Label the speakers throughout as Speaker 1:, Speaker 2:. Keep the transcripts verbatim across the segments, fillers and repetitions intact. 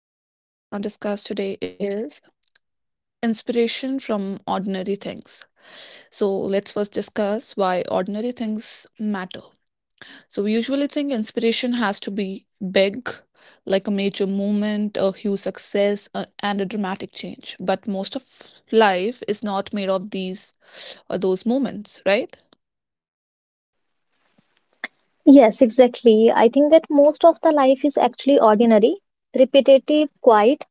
Speaker 1: the topic we're going to discuss today is inspiration from ordinary things. So, let's first discuss why ordinary things matter. So, we usually think inspiration has to be big, like a major movement, a huge success, uh, and a dramatic change. But most of life is not made of these or those moments, right?
Speaker 2: Yes, exactly. I think that most of the life is actually ordinary, repetitive, quiet,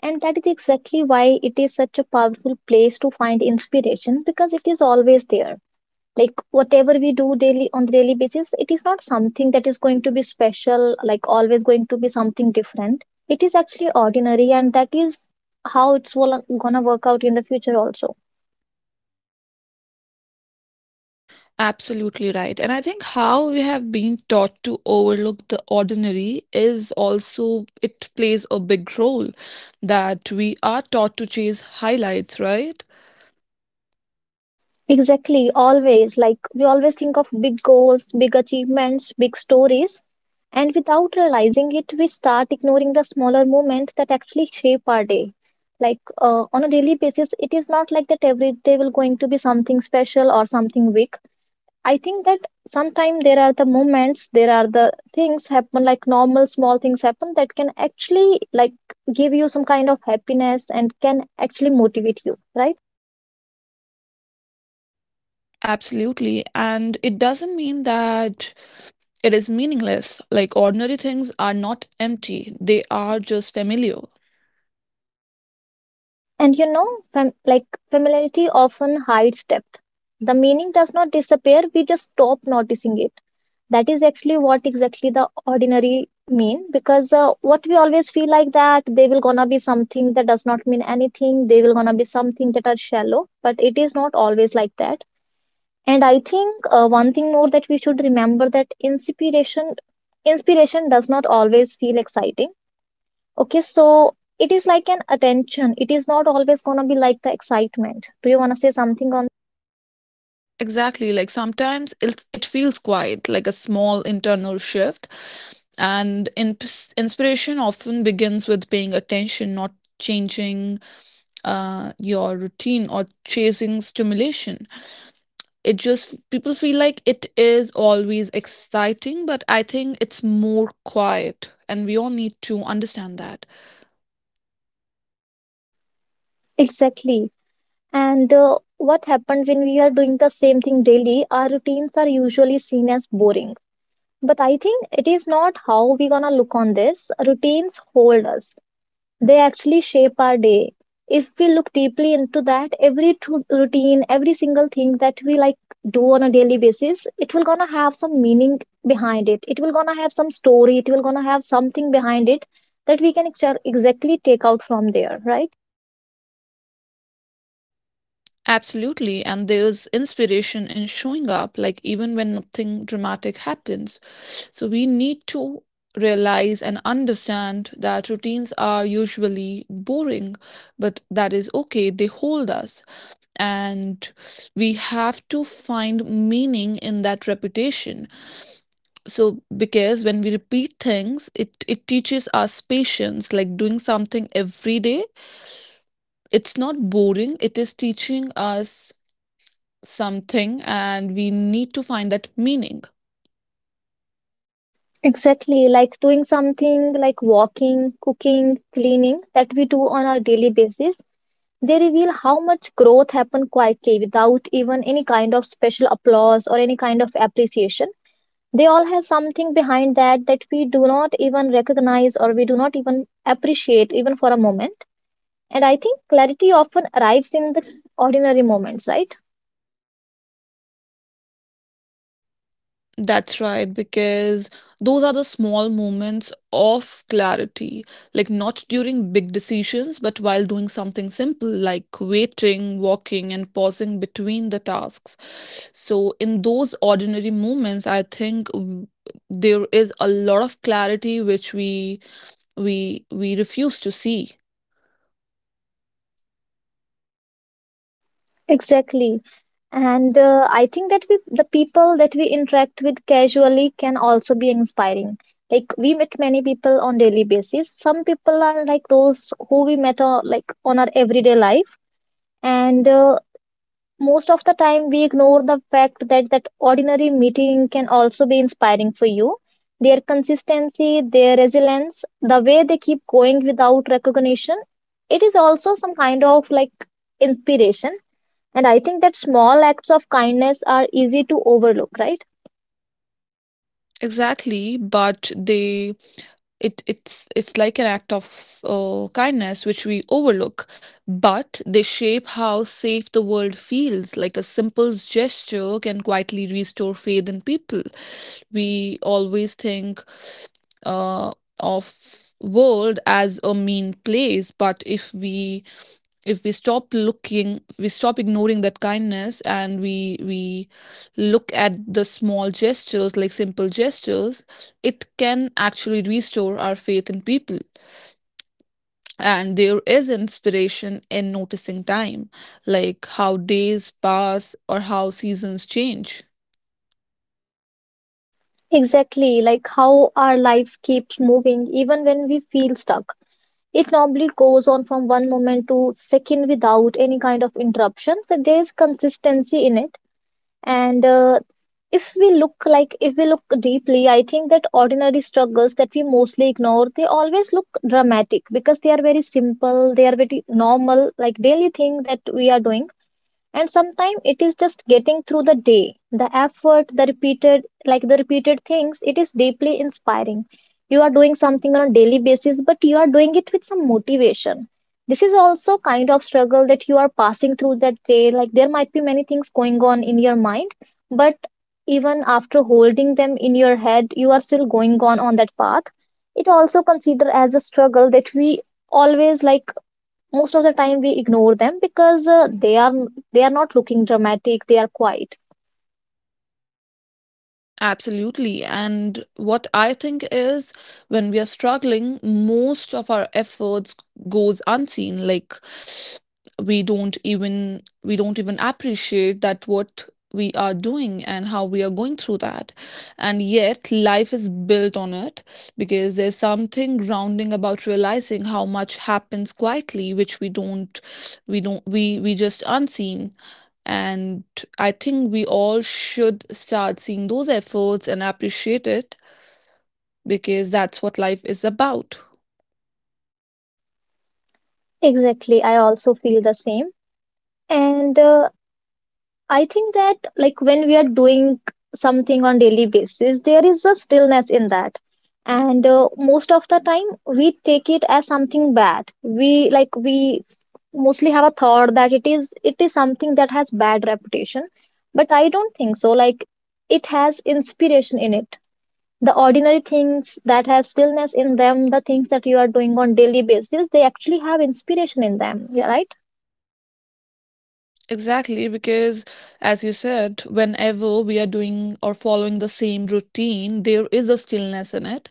Speaker 2: and that is exactly why it is such a powerful place to find inspiration because it is always there. Like whatever we do daily on the daily basis, it is not something that is going to be special, like always going to be something different. It is actually ordinary, and that is how it's wo- gonna work out in the future also.
Speaker 1: Absolutely right. And I think how we have been taught to overlook the ordinary is also, it plays a big role that we are taught to chase highlights, right?
Speaker 2: Exactly, always. Like we always think of big goals, big achievements, big stories. And without realizing it, we start ignoring the smaller moments that actually shape our day. Like uh, on a daily basis, it is not like that every day will going to be something special or something big. I think that sometimes there are the moments, there are the things happen like normal small things happen that can actually like give you some kind of happiness and can actually motivate you, right?
Speaker 1: Absolutely. And it doesn't mean that it is meaningless. Like ordinary things are not empty, they are just familiar.
Speaker 2: And you know, fam- like familiarity often hides depth. The meaning does not disappear, we just stop noticing it. That is actually what exactly the ordinary mean because uh, what we always feel like that they will gonna be something that does not mean anything, they will gonna be something that are shallow, but it is not always like that. And I think uh, one thing more that we should remember that inspiration inspiration does not always feel exciting. Okay, so it is like an attention. It is not always gonna be like the excitement. Do you wanna say something on
Speaker 1: Exactly. Like sometimes it it feels quiet, like a small internal shift, and in, inspiration often begins with paying attention, not changing uh, your routine or chasing stimulation. It just people feel like it is always exciting, but I think it's more quiet, and we all need to understand that.
Speaker 2: exactly? And uh, what happened when we are doing the same thing daily? Our routines are usually seen as boring. But I think it is not how we gonna look on this. Routines hold us. They actually shape our day. If we look deeply into that, every tru- routine, every single thing that we like do on a daily basis, it will gonna have some meaning behind it. It will gonna have some story, it will gonna have something behind it that we can exa- exactly take out from there, right?
Speaker 1: Absolutely, and there's inspiration in showing up, like even when nothing dramatic happens. So, we need to realize and understand that routines are usually boring, but that is okay, they hold us, and we have to find meaning in that repetition. So, because when we repeat things, it, it teaches us patience, like doing something every day, it's not boring, it is teaching us something, and we need to find that meaning.
Speaker 2: Exactly, like doing something like walking, cooking, cleaning that we do on our daily basis, they reveal how much growth happened quietly without even any kind of special applause or any kind of appreciation. They all have something behind that that we do not even recognize or we do not even appreciate even for a moment. And I think clarity often arrives in the ordinary moments, right?
Speaker 1: That's right, because those are the small moments of clarity, like not during big decisions but while doing something simple, like waiting, walking, and pausing between the tasks. So in those ordinary moments, I think w- there is a lot of clarity which we we we refuse to see.
Speaker 2: Exactly. And uh, I think that we, the people that we interact with casually can also be inspiring. Like we meet many people on daily basis. Some people are like those who we met on, like on our everyday life, and uh, most of the time we ignore the fact that that ordinary meeting can also be inspiring for you. Their consistency, their resilience, the way they keep going without recognition, it is also some kind of like inspiration. And I think that small acts of kindness are easy to overlook, right?
Speaker 1: Exactly, but they it it's it's like an act of uh, kindness which we overlook, but they shape how safe the world feels. Like a simple gesture can quietly restore faith in people. We always think uh, of world as a mean place, but if we if we stop looking, we stop ignoring that kindness, and we we look at the small gestures, like simple gestures, it can actually restore our faith in people. And there is inspiration in noticing time, like how days pass or how seasons change.
Speaker 2: Exactly, like how our lives keeps moving even when we feel stuck. It normally goes on from one moment to second without any kind of interruption, so there is consistency in it. And uh, if we look, like if we look deeply, I think that ordinary struggles that we mostly ignore, they always look dramatic because they are very simple, they are very normal, like daily thing that we are doing. And sometimes it is just getting through the day, the effort, the repeated, like the repeated things, it is deeply inspiring. You are doing something on a daily basis, but you are doing it with some motivation. This is also kind of struggle that you are passing through that day. Like there might be many things going on in your mind, but even after holding them in your head, you are still going on on that path. It also considered as a struggle that we always like, most of the time we ignore them because uh, they are, they are not looking dramatic, they are quiet.
Speaker 1: Absolutely. And what I think is, when we are struggling, most of our efforts goes unseen. Like we don't even we don't even appreciate that what we are doing and how we are going through that, and yet life is built on it, because there's something grounding about realizing how much happens quietly, which we don't we don't we we just unseen. And I think we all should start seeing those efforts and appreciate it, because that's what life is about.
Speaker 2: Exactly, I also feel the same. And uh, I think that, like when we are doing something on daily basis, there is a stillness in that. And uh, most of the time we take it as something bad. We like, we mostly have a thought that it is, it is something that has bad reputation. But I don't think so. Like it has inspiration in it. The ordinary things that have stillness in them, the things that you are doing on daily basis, they actually have inspiration in them, yeah, right?
Speaker 1: Exactly, because as you said, whenever we are doing or following the same routine, there is a stillness in it.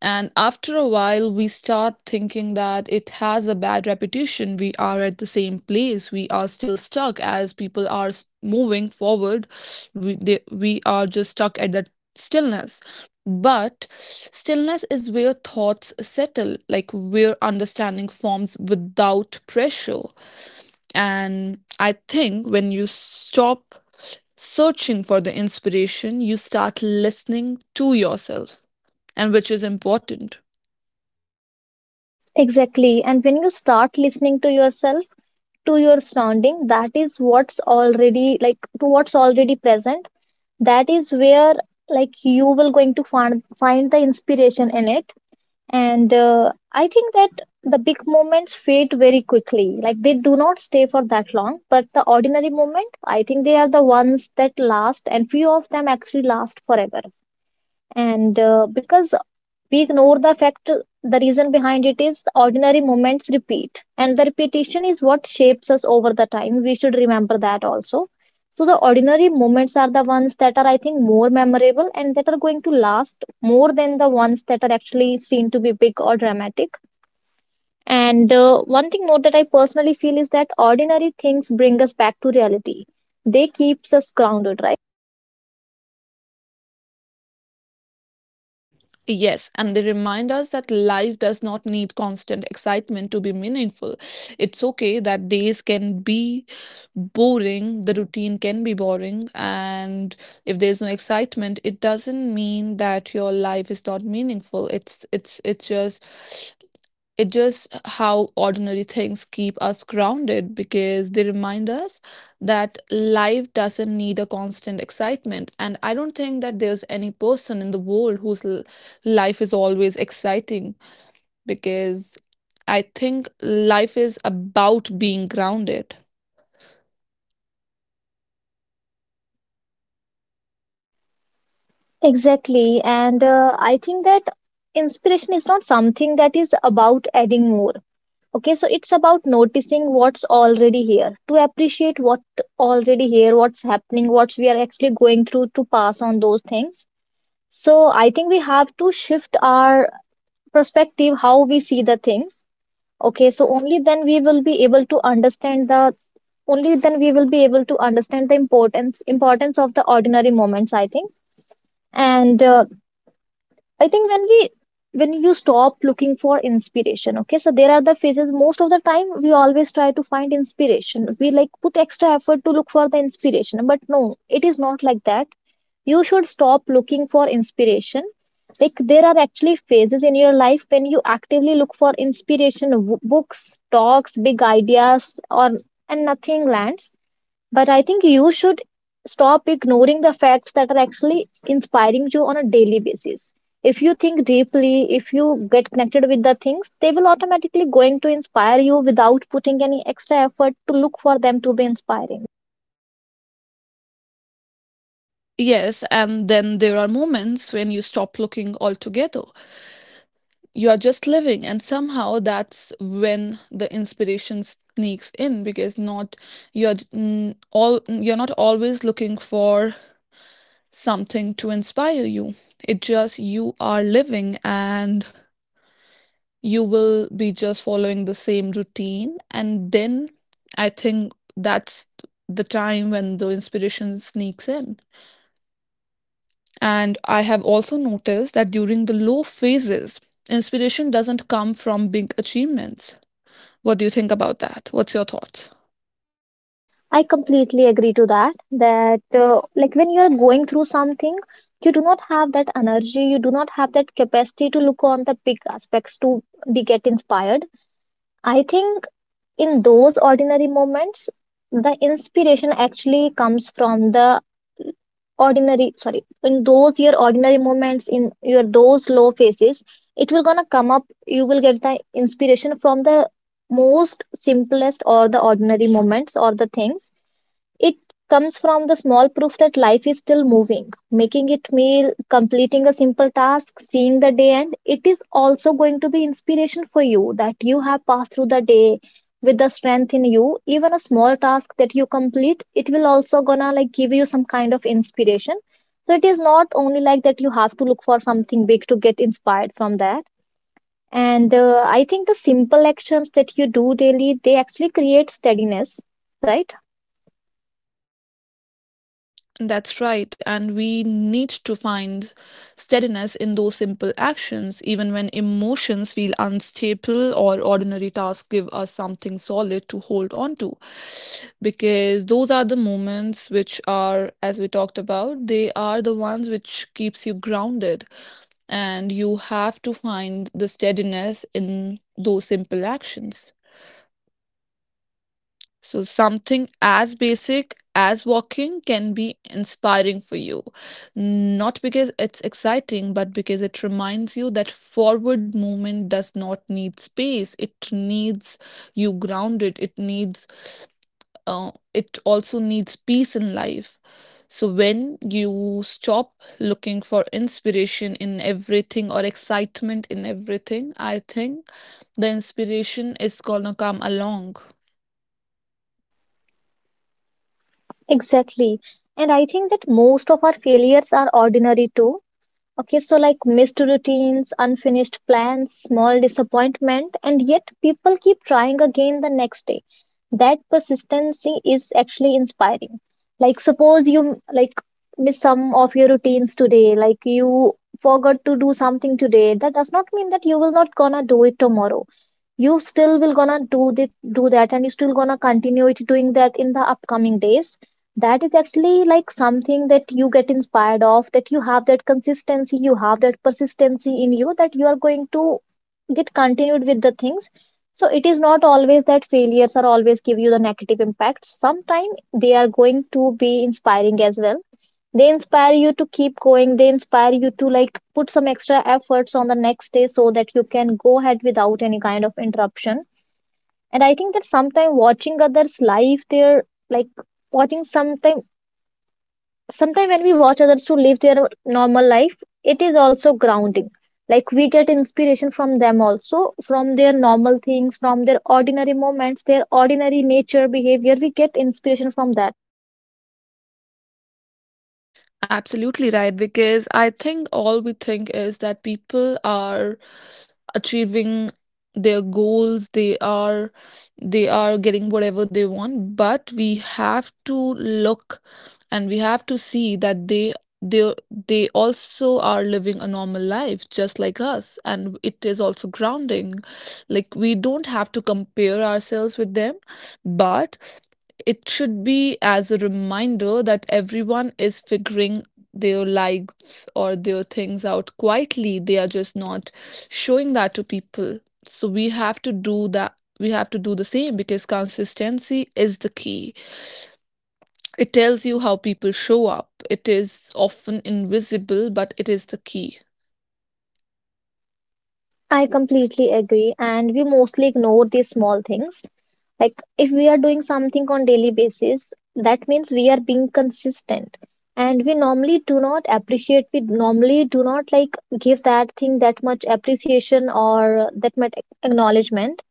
Speaker 1: And after a while, we start thinking that it has a bad reputation. We are at the same place. We are still stuck as people are s- moving forward. We, they, we are just stuck at that stillness. But stillness is where thoughts settle, like where understanding forms without pressure. And I think when you stop searching for the inspiration, you start listening to yourself, and which is important.
Speaker 2: Exactly. And when you start listening to yourself, to your surrounding, that is what's already, like to what's already present, that is where like you will going to find find the inspiration in it. And uh, I think that the big moments fade very quickly, like they do not stay for that long, but the ordinary moment, I think they are the ones that last, and few of them actually last forever. And uh, because we ignore the fact, the reason behind it is ordinary moments repeat, and the repetition is what shapes us over the time. We should remember that also. So, the ordinary moments are the ones that are, I think, more memorable, and that are going to last more than the ones that are actually seen to be big or dramatic. And uh, one thing more that I personally feel is that ordinary things bring us back to reality. They keeps us grounded, right?
Speaker 1: Yes, and they remind us that life does not need constant excitement to be meaningful. It's okay that days can be boring, the routine can be boring, and if there's no excitement, it doesn't mean that your life is not meaningful. It's it's it's just it just how ordinary things keep us grounded, because they remind us that life doesn't need a constant excitement. And I don't think that there's any person in the world whose l- life is always exciting, because I think life is about being grounded.
Speaker 2: Exactly. And uh, I think that inspiration is not something that is about adding more. Okay, so it's about noticing what's already here, to appreciate what already here, what's happening, what we are actually going through to pass on those things. So I think we have to shift our perspective, how we see the things. Okay, so only then we will be able to understand the, only then we will be able to understand the importance importance of the ordinary moments, I think. And uh, I think when we, when you stop looking for inspiration, okay, so there are the phases. Most of the time, we always try to find inspiration. We like put extra effort to look for the inspiration, but no, it is not like that. You should stop looking for inspiration. Like there are actually phases in your life when you actively look for inspiration, w- books, talks, big ideas, or, and nothing lands, but I think you should stop ignoring the facts that are actually inspiring you on a daily basis. If you think deeply, if you get connected with the things, they will automatically going to inspire you without putting any extra effort to look for them to be inspiring.
Speaker 1: Yes, and then there are moments when you stop looking altogether. You are just living, and somehow that's when the inspiration sneaks in, because not you're j- n- all you're not always looking for something to inspire you. It just you are living, and you will be just following the same routine, and then I think that's the time when the inspiration sneaks in. And I have also noticed that during the low phases, inspiration doesn't come from big achievements. What do you think about that? What's your thoughts?
Speaker 2: I completely agree to that. That uh, like when you are going through something, you do not have that energy, you do not have that capacity to look on the big aspects to be get inspired. I think in those ordinary moments the inspiration actually comes from the ordinary, sorry, in those your ordinary moments, in your those low phases, it will gonna come up. You will get the inspiration from the most simplest or the ordinary moments or the things. It comes from the small proof that life is still moving, making it meal, completing a simple task, seeing the day end. It is also going to be inspiration for you that you have passed through the day with the strength in you. Even a small task that you complete, it will also gonna like give you some kind of inspiration. So it is not only like that you have to look for something big to get inspired from that. And uh, I think the simple actions that you do daily, they actually create steadiness, right?
Speaker 1: That's right. And we need to find steadiness in those simple actions, even when emotions feel unstable or ordinary tasks give us something solid to hold on to. Because those are the moments which are, as we talked about, they are the ones which keeps you grounded. And you have to find the steadiness in those simple actions. So, something as basic as walking can be inspiring for you. Not because it's exciting, but because it reminds you that forward movement does not need space. It needs you grounded. It needs, uh, it also needs peace in life. So, when you stop looking for inspiration in everything or excitement in everything, I think the inspiration is gonna come along.
Speaker 2: Exactly. And I think that most of our failures are ordinary too. Okay, so like missed routines, unfinished plans, small disappointment, and yet people keep trying again the next day. That persistency is actually inspiring. Like, suppose you like miss some of your routines today, like you forgot to do something today. That does not mean that you will not gonna do it tomorrow. You still will gonna do this, do that, and you still gonna continue it doing that in the upcoming days. That is actually like something that you get inspired of, that you have that consistency, you have that persistency in you, that you are going to get continued with the things. So it is not always that failures are always give you the negative impacts. Sometimes they are going to be inspiring as well. They inspire you to keep going, they inspire you to like put some extra efforts on the next day so that you can go ahead without any kind of interruption. And I think that sometimes watching others live their, like, watching sometime sometime when we watch others to live their normal life, it is also grounding. Like, we get inspiration from them also, from their normal things, from their ordinary moments, their ordinary nature behavior, we get inspiration from them.
Speaker 1: Absolutely right, because I think all we think is that people are achieving their goals, they are, they are getting whatever they want, but we have to look, and we have to see that they they they also are living a normal life just like us, and it is also grounding. Like we don't have to compare ourselves with them, but it should be as a reminder that everyone is figuring their lives or their things out quietly. They are just not showing that to people. So we have to do that. We have to do the same, because consistency is the key. It tells you how people show up. It is often invisible, but it is the key.
Speaker 2: I completely agree, and we mostly ignore these small things. Like, if we are doing something on daily basis, that means we are being consistent. And we normally do not appreciate, we normally do not like give that thing that much appreciation or that much acknowledgement.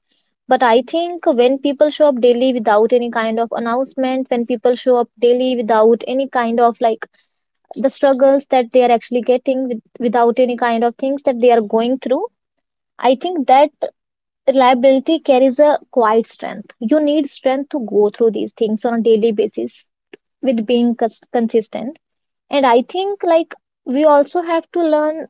Speaker 2: But I think when people show up daily without any kind of announcement, when people show up daily without any kind of, like, the struggles that they are actually getting with, without any kind of things that they are going through, I think that reliability carries a quiet strength. You need strength to go through these things on a daily basis with being cons- consistent. And I think, like, we also have to learn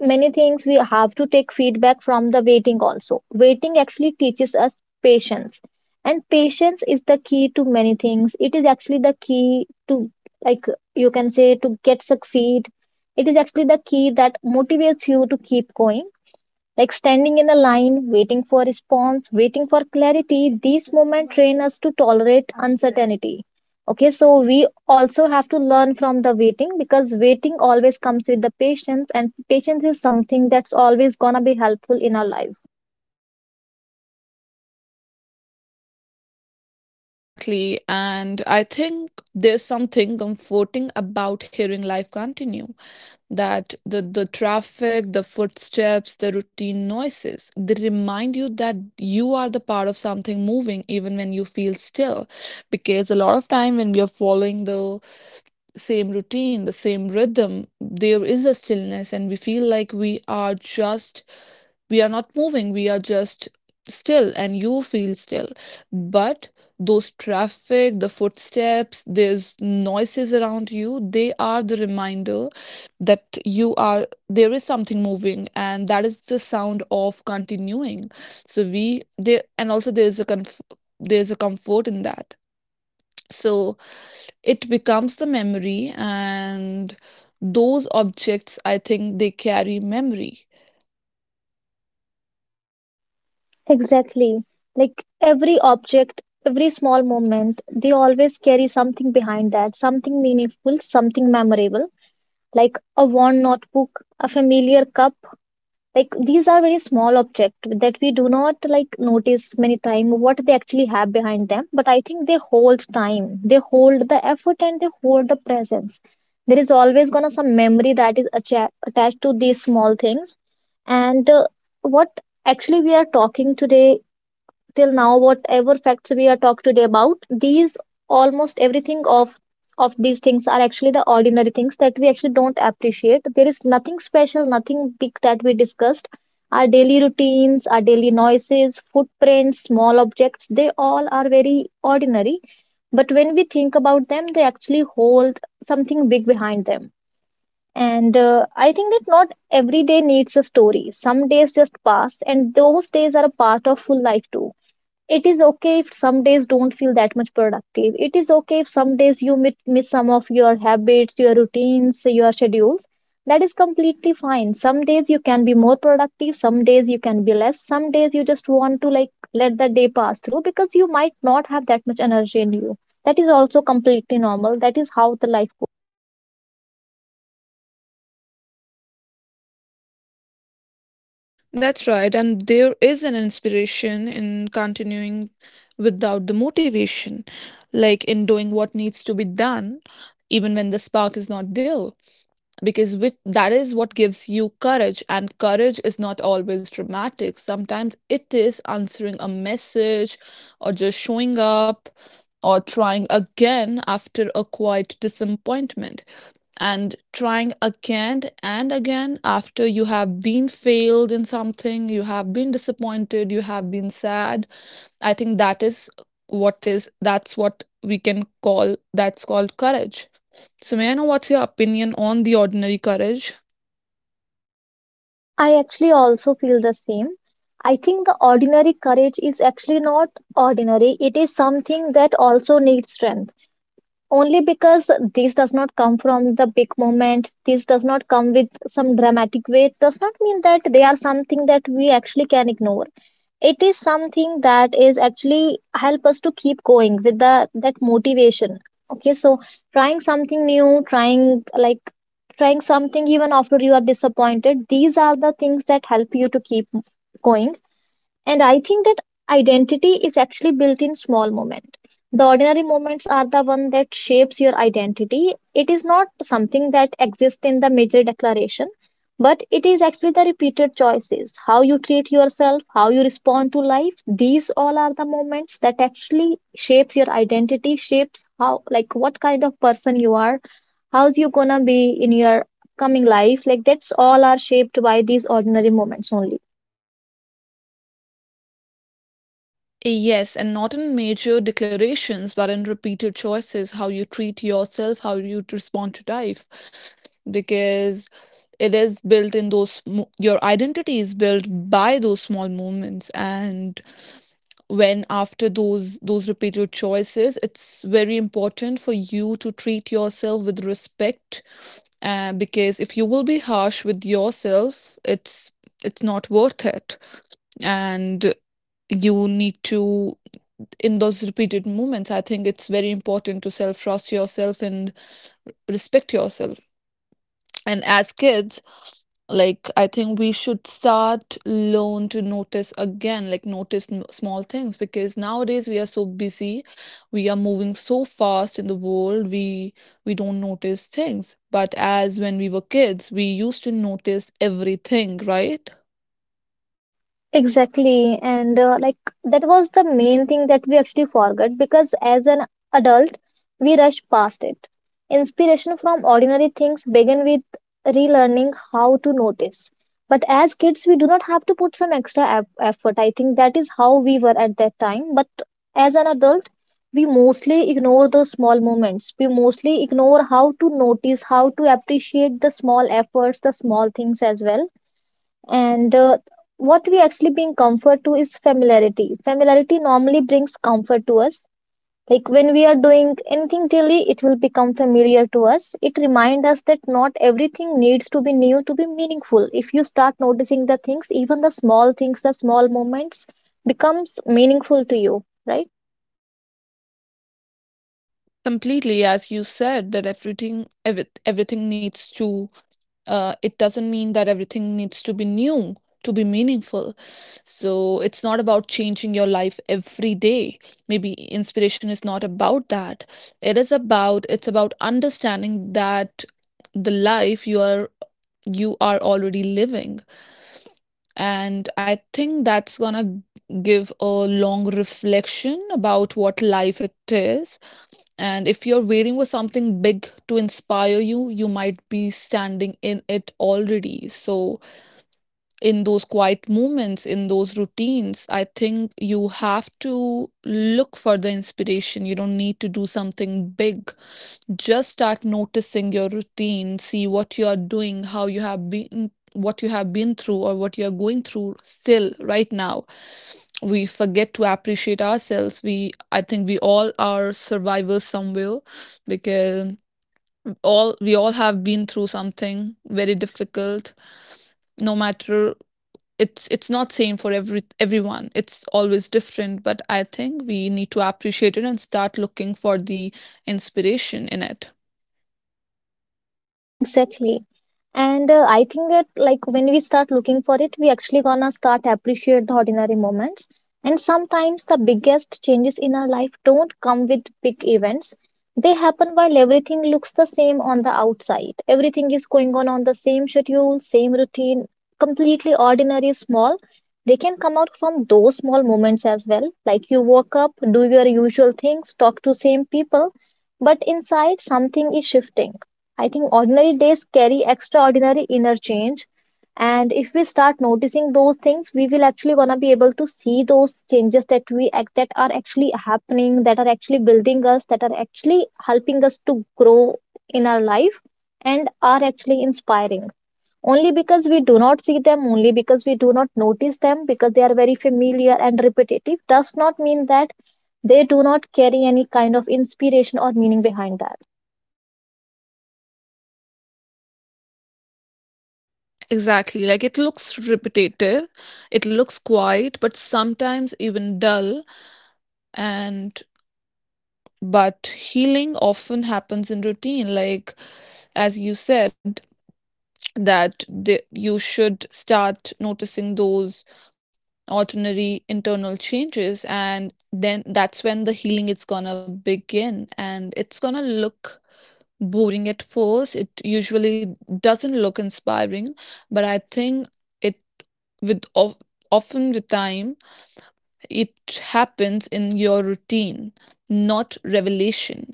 Speaker 2: many things. We have to take feedback from the waiting also. Waiting actually teaches us patience. And patience is the key to many things. It is actually the key to, like, you can say, to get succeed. It is actually the key that motivates you to keep going, like standing in a line, waiting for response, waiting for clarity. These moments train us to tolerate uncertainty. Okay, so we also have to learn from the waiting because waiting always comes with the patience, and patience is something that's always gonna be helpful in our life.
Speaker 1: Exactly. And I think there's something comforting about hearing life continue. That the the traffic, the footsteps, the routine noises, they remind you that you are the part of something moving even when you feel still, because a lot of time when we are following the same routine, the same rhythm, there is a stillness, and we feel like we are just, we are not moving, we are just still, and you feel still. But those traffic, the footsteps, there's noises around you, they are the reminder that you are, there is something moving, and that is the sound of continuing. So we, there, and also there's a conf- there's a comfort in that. So, it becomes the memory, and those objects, I think, they carry memory.
Speaker 2: Exactly. Like every object, every small moment, they always carry something behind that, something meaningful, something memorable, like a worn notebook, a familiar cup. Like, these are very small object that we do not like notice many time what they actually have behind them, but I think they hold time, they hold the effort, and they hold the presence. There is always gonna some memory that is atta- attached to these small things. And uh, What actually we are talking today till now, whatever facts we are talked today about, these, almost everything of of these things are actually the ordinary things that we actually don't appreciate. There is nothing special, nothing big that we discussed. Our daily routines, our daily noises, footprints, small objects, they all are very ordinary. But when we think about them, they actually hold something big behind them. And uh, I think that not every day needs a story. Some days just pass, and those days are a part of full life too. It is okay if some days don't feel that much productive. It is okay if some days you mit- miss some of your habits, your routines, your schedules. That is completely fine. Some days you can be more productive, some days you can be less, some days you just want to, like, let the day pass through because you might not have that much energy in you. That is also completely normal. That is how the life goes.
Speaker 1: That's right, and there is an inspiration in continuing without the motivation, like in doing what needs to be done, even when the spark is not there. Because which that is what gives you courage, and courage is not always dramatic. Sometimes it is answering a message, or just showing up, or trying again after a quiet disappointment, and trying again and again after you have been failed in something, you have been disappointed, you have been sad. I think that is what is that's what we can call, that's called courage. So may I know what's your opinion on the ordinary courage?
Speaker 2: I actually also feel the same. I think the ordinary courage is actually not ordinary. It is something that also needs strength. Only because this does not come from the big moment, this does not come with some dramatic weight, does not mean that they are something that we actually can ignore. It is something that is actually help us to keep going with the that motivation. Okay, so trying something new, trying, like, trying something even after you are disappointed, these are the things that help you to keep going. And I think that identity is actually built in small moments. The ordinary moments are the one that shapes your identity. It is not something that exists in the major declaration, but it is actually the repeated choices, how you treat yourself, how you respond to life. These all are the moments that actually shapes your identity, shapes how, like, what kind of person you are, how's you gonna be in your coming life. Like, that's all are shaped by these ordinary moments only.
Speaker 1: Yes, and not in major declarations, but in repeated choices, how you treat yourself, how you respond to life. Because it is built in those, mo- your identity is built by those small moments. And when after those those repeated choices, it's very important for you to treat yourself with respect, uh, because if you will be harsh with yourself, it's it's not worth it. And you need to, in those repeated moments, I think it's very important to self trust yourself and respect yourself. And as kids, like, I think we should start learn to notice again, like notice n- small things, because nowadays we are so busy, we are moving so fast in the world, we we don't notice things, but as when we were kids, we used to notice everything, right?
Speaker 2: Exactly. And uh, Like, that was the main thing that we actually forgot because as an adult, we rush past it. Inspiration from ordinary things began with relearning how to notice. But as kids, we do not have to put some extra eff- effort. I think that is how we were at that time. But as an adult, we mostly ignore those small moments. We mostly ignore how to notice, how to appreciate the small efforts, the small things as well. And uh, What we actually bring comfort to is familiarity. Familiarity normally brings comfort to us. Like, when we are doing anything daily, it will become familiar to us. It reminds us that not everything needs to be new to be meaningful. If you start noticing the things, even the small things, the small moments becomes meaningful to you, right?
Speaker 1: Completely, as you said, that everything ev- everything needs to, uh, it doesn't mean that everything needs to be new to be meaningful. So it's not about changing your life every day. Maybe inspiration is not about that. It is about it's about understanding that the life you are you are already living. And I think that's gonna give a long reflection about what life it is, and if you're waiting for something big to inspire you, you might be standing in it already. So, in those quiet moments, in those routines, I think you have to look for the inspiration. You don't need to do something big, just start noticing your routine, see what you are doing, how you have been, what you have been through, or what you are going through still right now. We forget to appreciate ourselves. We i think we all are survivors somewhere, because all we all have been through something very difficult, no matter, it's it's not same for every everyone, it's always different, but I think we need to appreciate it and start looking for the inspiration in it.
Speaker 2: Exactly. And uh, I think that, like, when we start looking for it, we actually gonna start appreciate the ordinary moments. And sometimes the biggest changes in our life don't come with big events. They happen while everything looks the same on the outside. Everything is going on on the same schedule, same routine, completely ordinary small. They can come out from those small moments as well. Like, you woke up, do your usual things, talk to same people, but inside something is shifting. I think ordinary days carry extraordinary inner change. And if we start noticing those things, we will actually gonna be able to see those changes that we act that are actually happening, that are actually building us, that are actually helping us to grow in our life, and are actually inspiring. Only because we do not see them, only because we do not notice them, because they are very familiar and repetitive, does not mean that they do not carry any kind of inspiration or meaning behind that.
Speaker 1: Exactly. Like it looks repetitive, it looks quiet, but sometimes even dull. And but healing often happens in routine. Like as you said, that the, you should start noticing those ordinary internal changes, and then that's when the healing is gonna begin. And it's gonna look boring at first. It usually doesn't look inspiring, but I think It with of, often with time it happens in your routine, not revelation.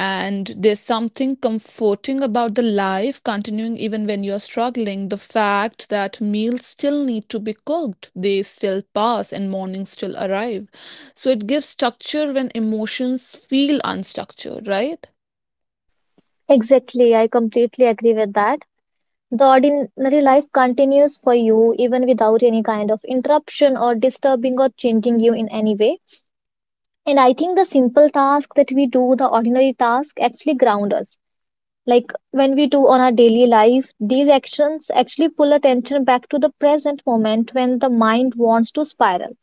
Speaker 1: And there's something comforting about the life continuing even when you're struggling, the fact that meals still need to be cooked, they still pass, and mornings still arrive, so it gives structure when emotions feel unstructured, right?
Speaker 2: Exactly, I completely agree with that. The ordinary life continues for you even without any kind of interruption or disturbing or changing you in any way. And I think the simple task that we do, the ordinary task, actually ground us. Like, when we do on our daily life, these actions actually pull attention back to the present moment when the mind wants to spiral.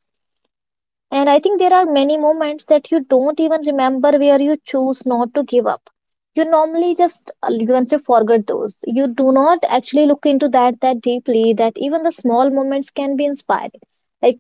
Speaker 2: And I think there are many moments that you don't even remember where you choose not to give up. You normally just uh, you can say forget those. You do not actually look into that that deeply. That even the small moments can be inspiring. Like,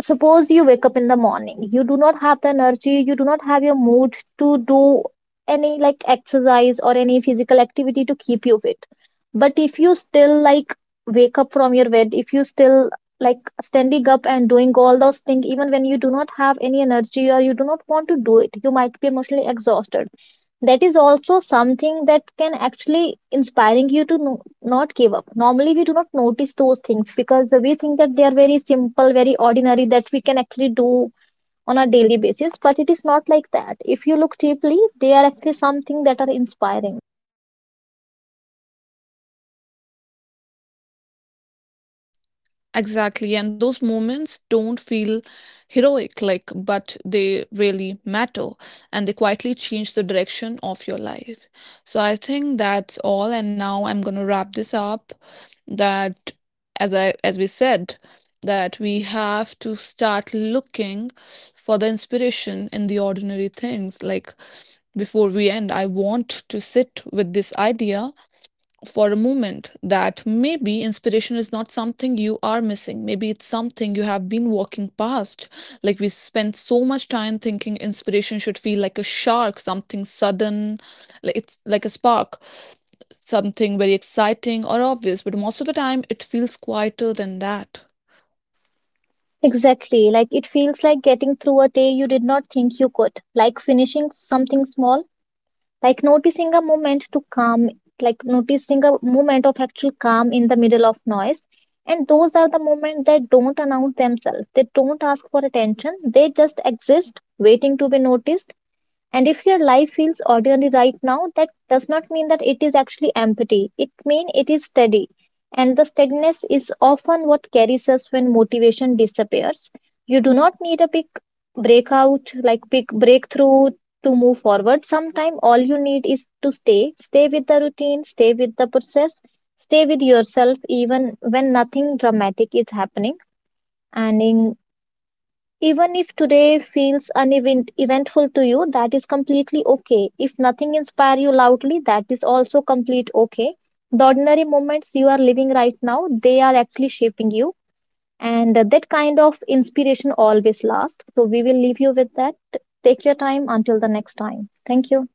Speaker 2: suppose you wake up in the morning, you do not have the energy, you do not have your mood to do any, like, exercise or any physical activity to keep you fit. But if you still, like, wake up from your bed, if you still, like, standing up and doing all those things even when you do not have any energy or you do not want to do it, you might be emotionally exhausted. That is also something that can actually inspiring you to know, not give up. Normally, we do not notice those things because we think that they are very simple, very ordinary that we can actually do on a daily basis. But it is not like that. If you look deeply, they are actually something that are inspiring.
Speaker 1: Exactly. And those moments don't feel heroic, like, but they really matter, and they quietly change the direction of your life. So I think that's all. And now I'm going to wrap this up that as I, as we said, that we have to start looking for the inspiration in the ordinary things. Like before we end, I want to sit with this idea for a moment that maybe inspiration is not something you are missing. Maybe it's something you have been walking past. Like we spend so much time thinking inspiration should feel like a shark, something sudden, like it's like a spark, something very exciting or obvious. But most of the time, it feels quieter than that.
Speaker 2: Exactly. Like, it feels like getting through a day you did not think you could, like finishing something small Like noticing a moment to calm Like, noticing a moment of actual calm in the middle of noise. And those are the moments that don't announce themselves, they don't ask for attention, they just exist, waiting to be noticed. And if your life feels ordinary right now, that does not mean that it is actually empty. It means it is steady. And the steadiness is often what carries us when motivation disappears. You do not need a big breakout, like, big breakthrough to move forward. Sometimes all you need is to stay. Stay with the routine, stay with the process, stay with yourself, even when nothing dramatic is happening. And in Even if today feels unevent- eventful to you, that is completely okay. If nothing inspires you loudly, that is also complete okay. The ordinary moments you are living right now, they are actually shaping you, and that kind of inspiration always lasts. So we will leave you with that. Take your time until the next time. Thank you.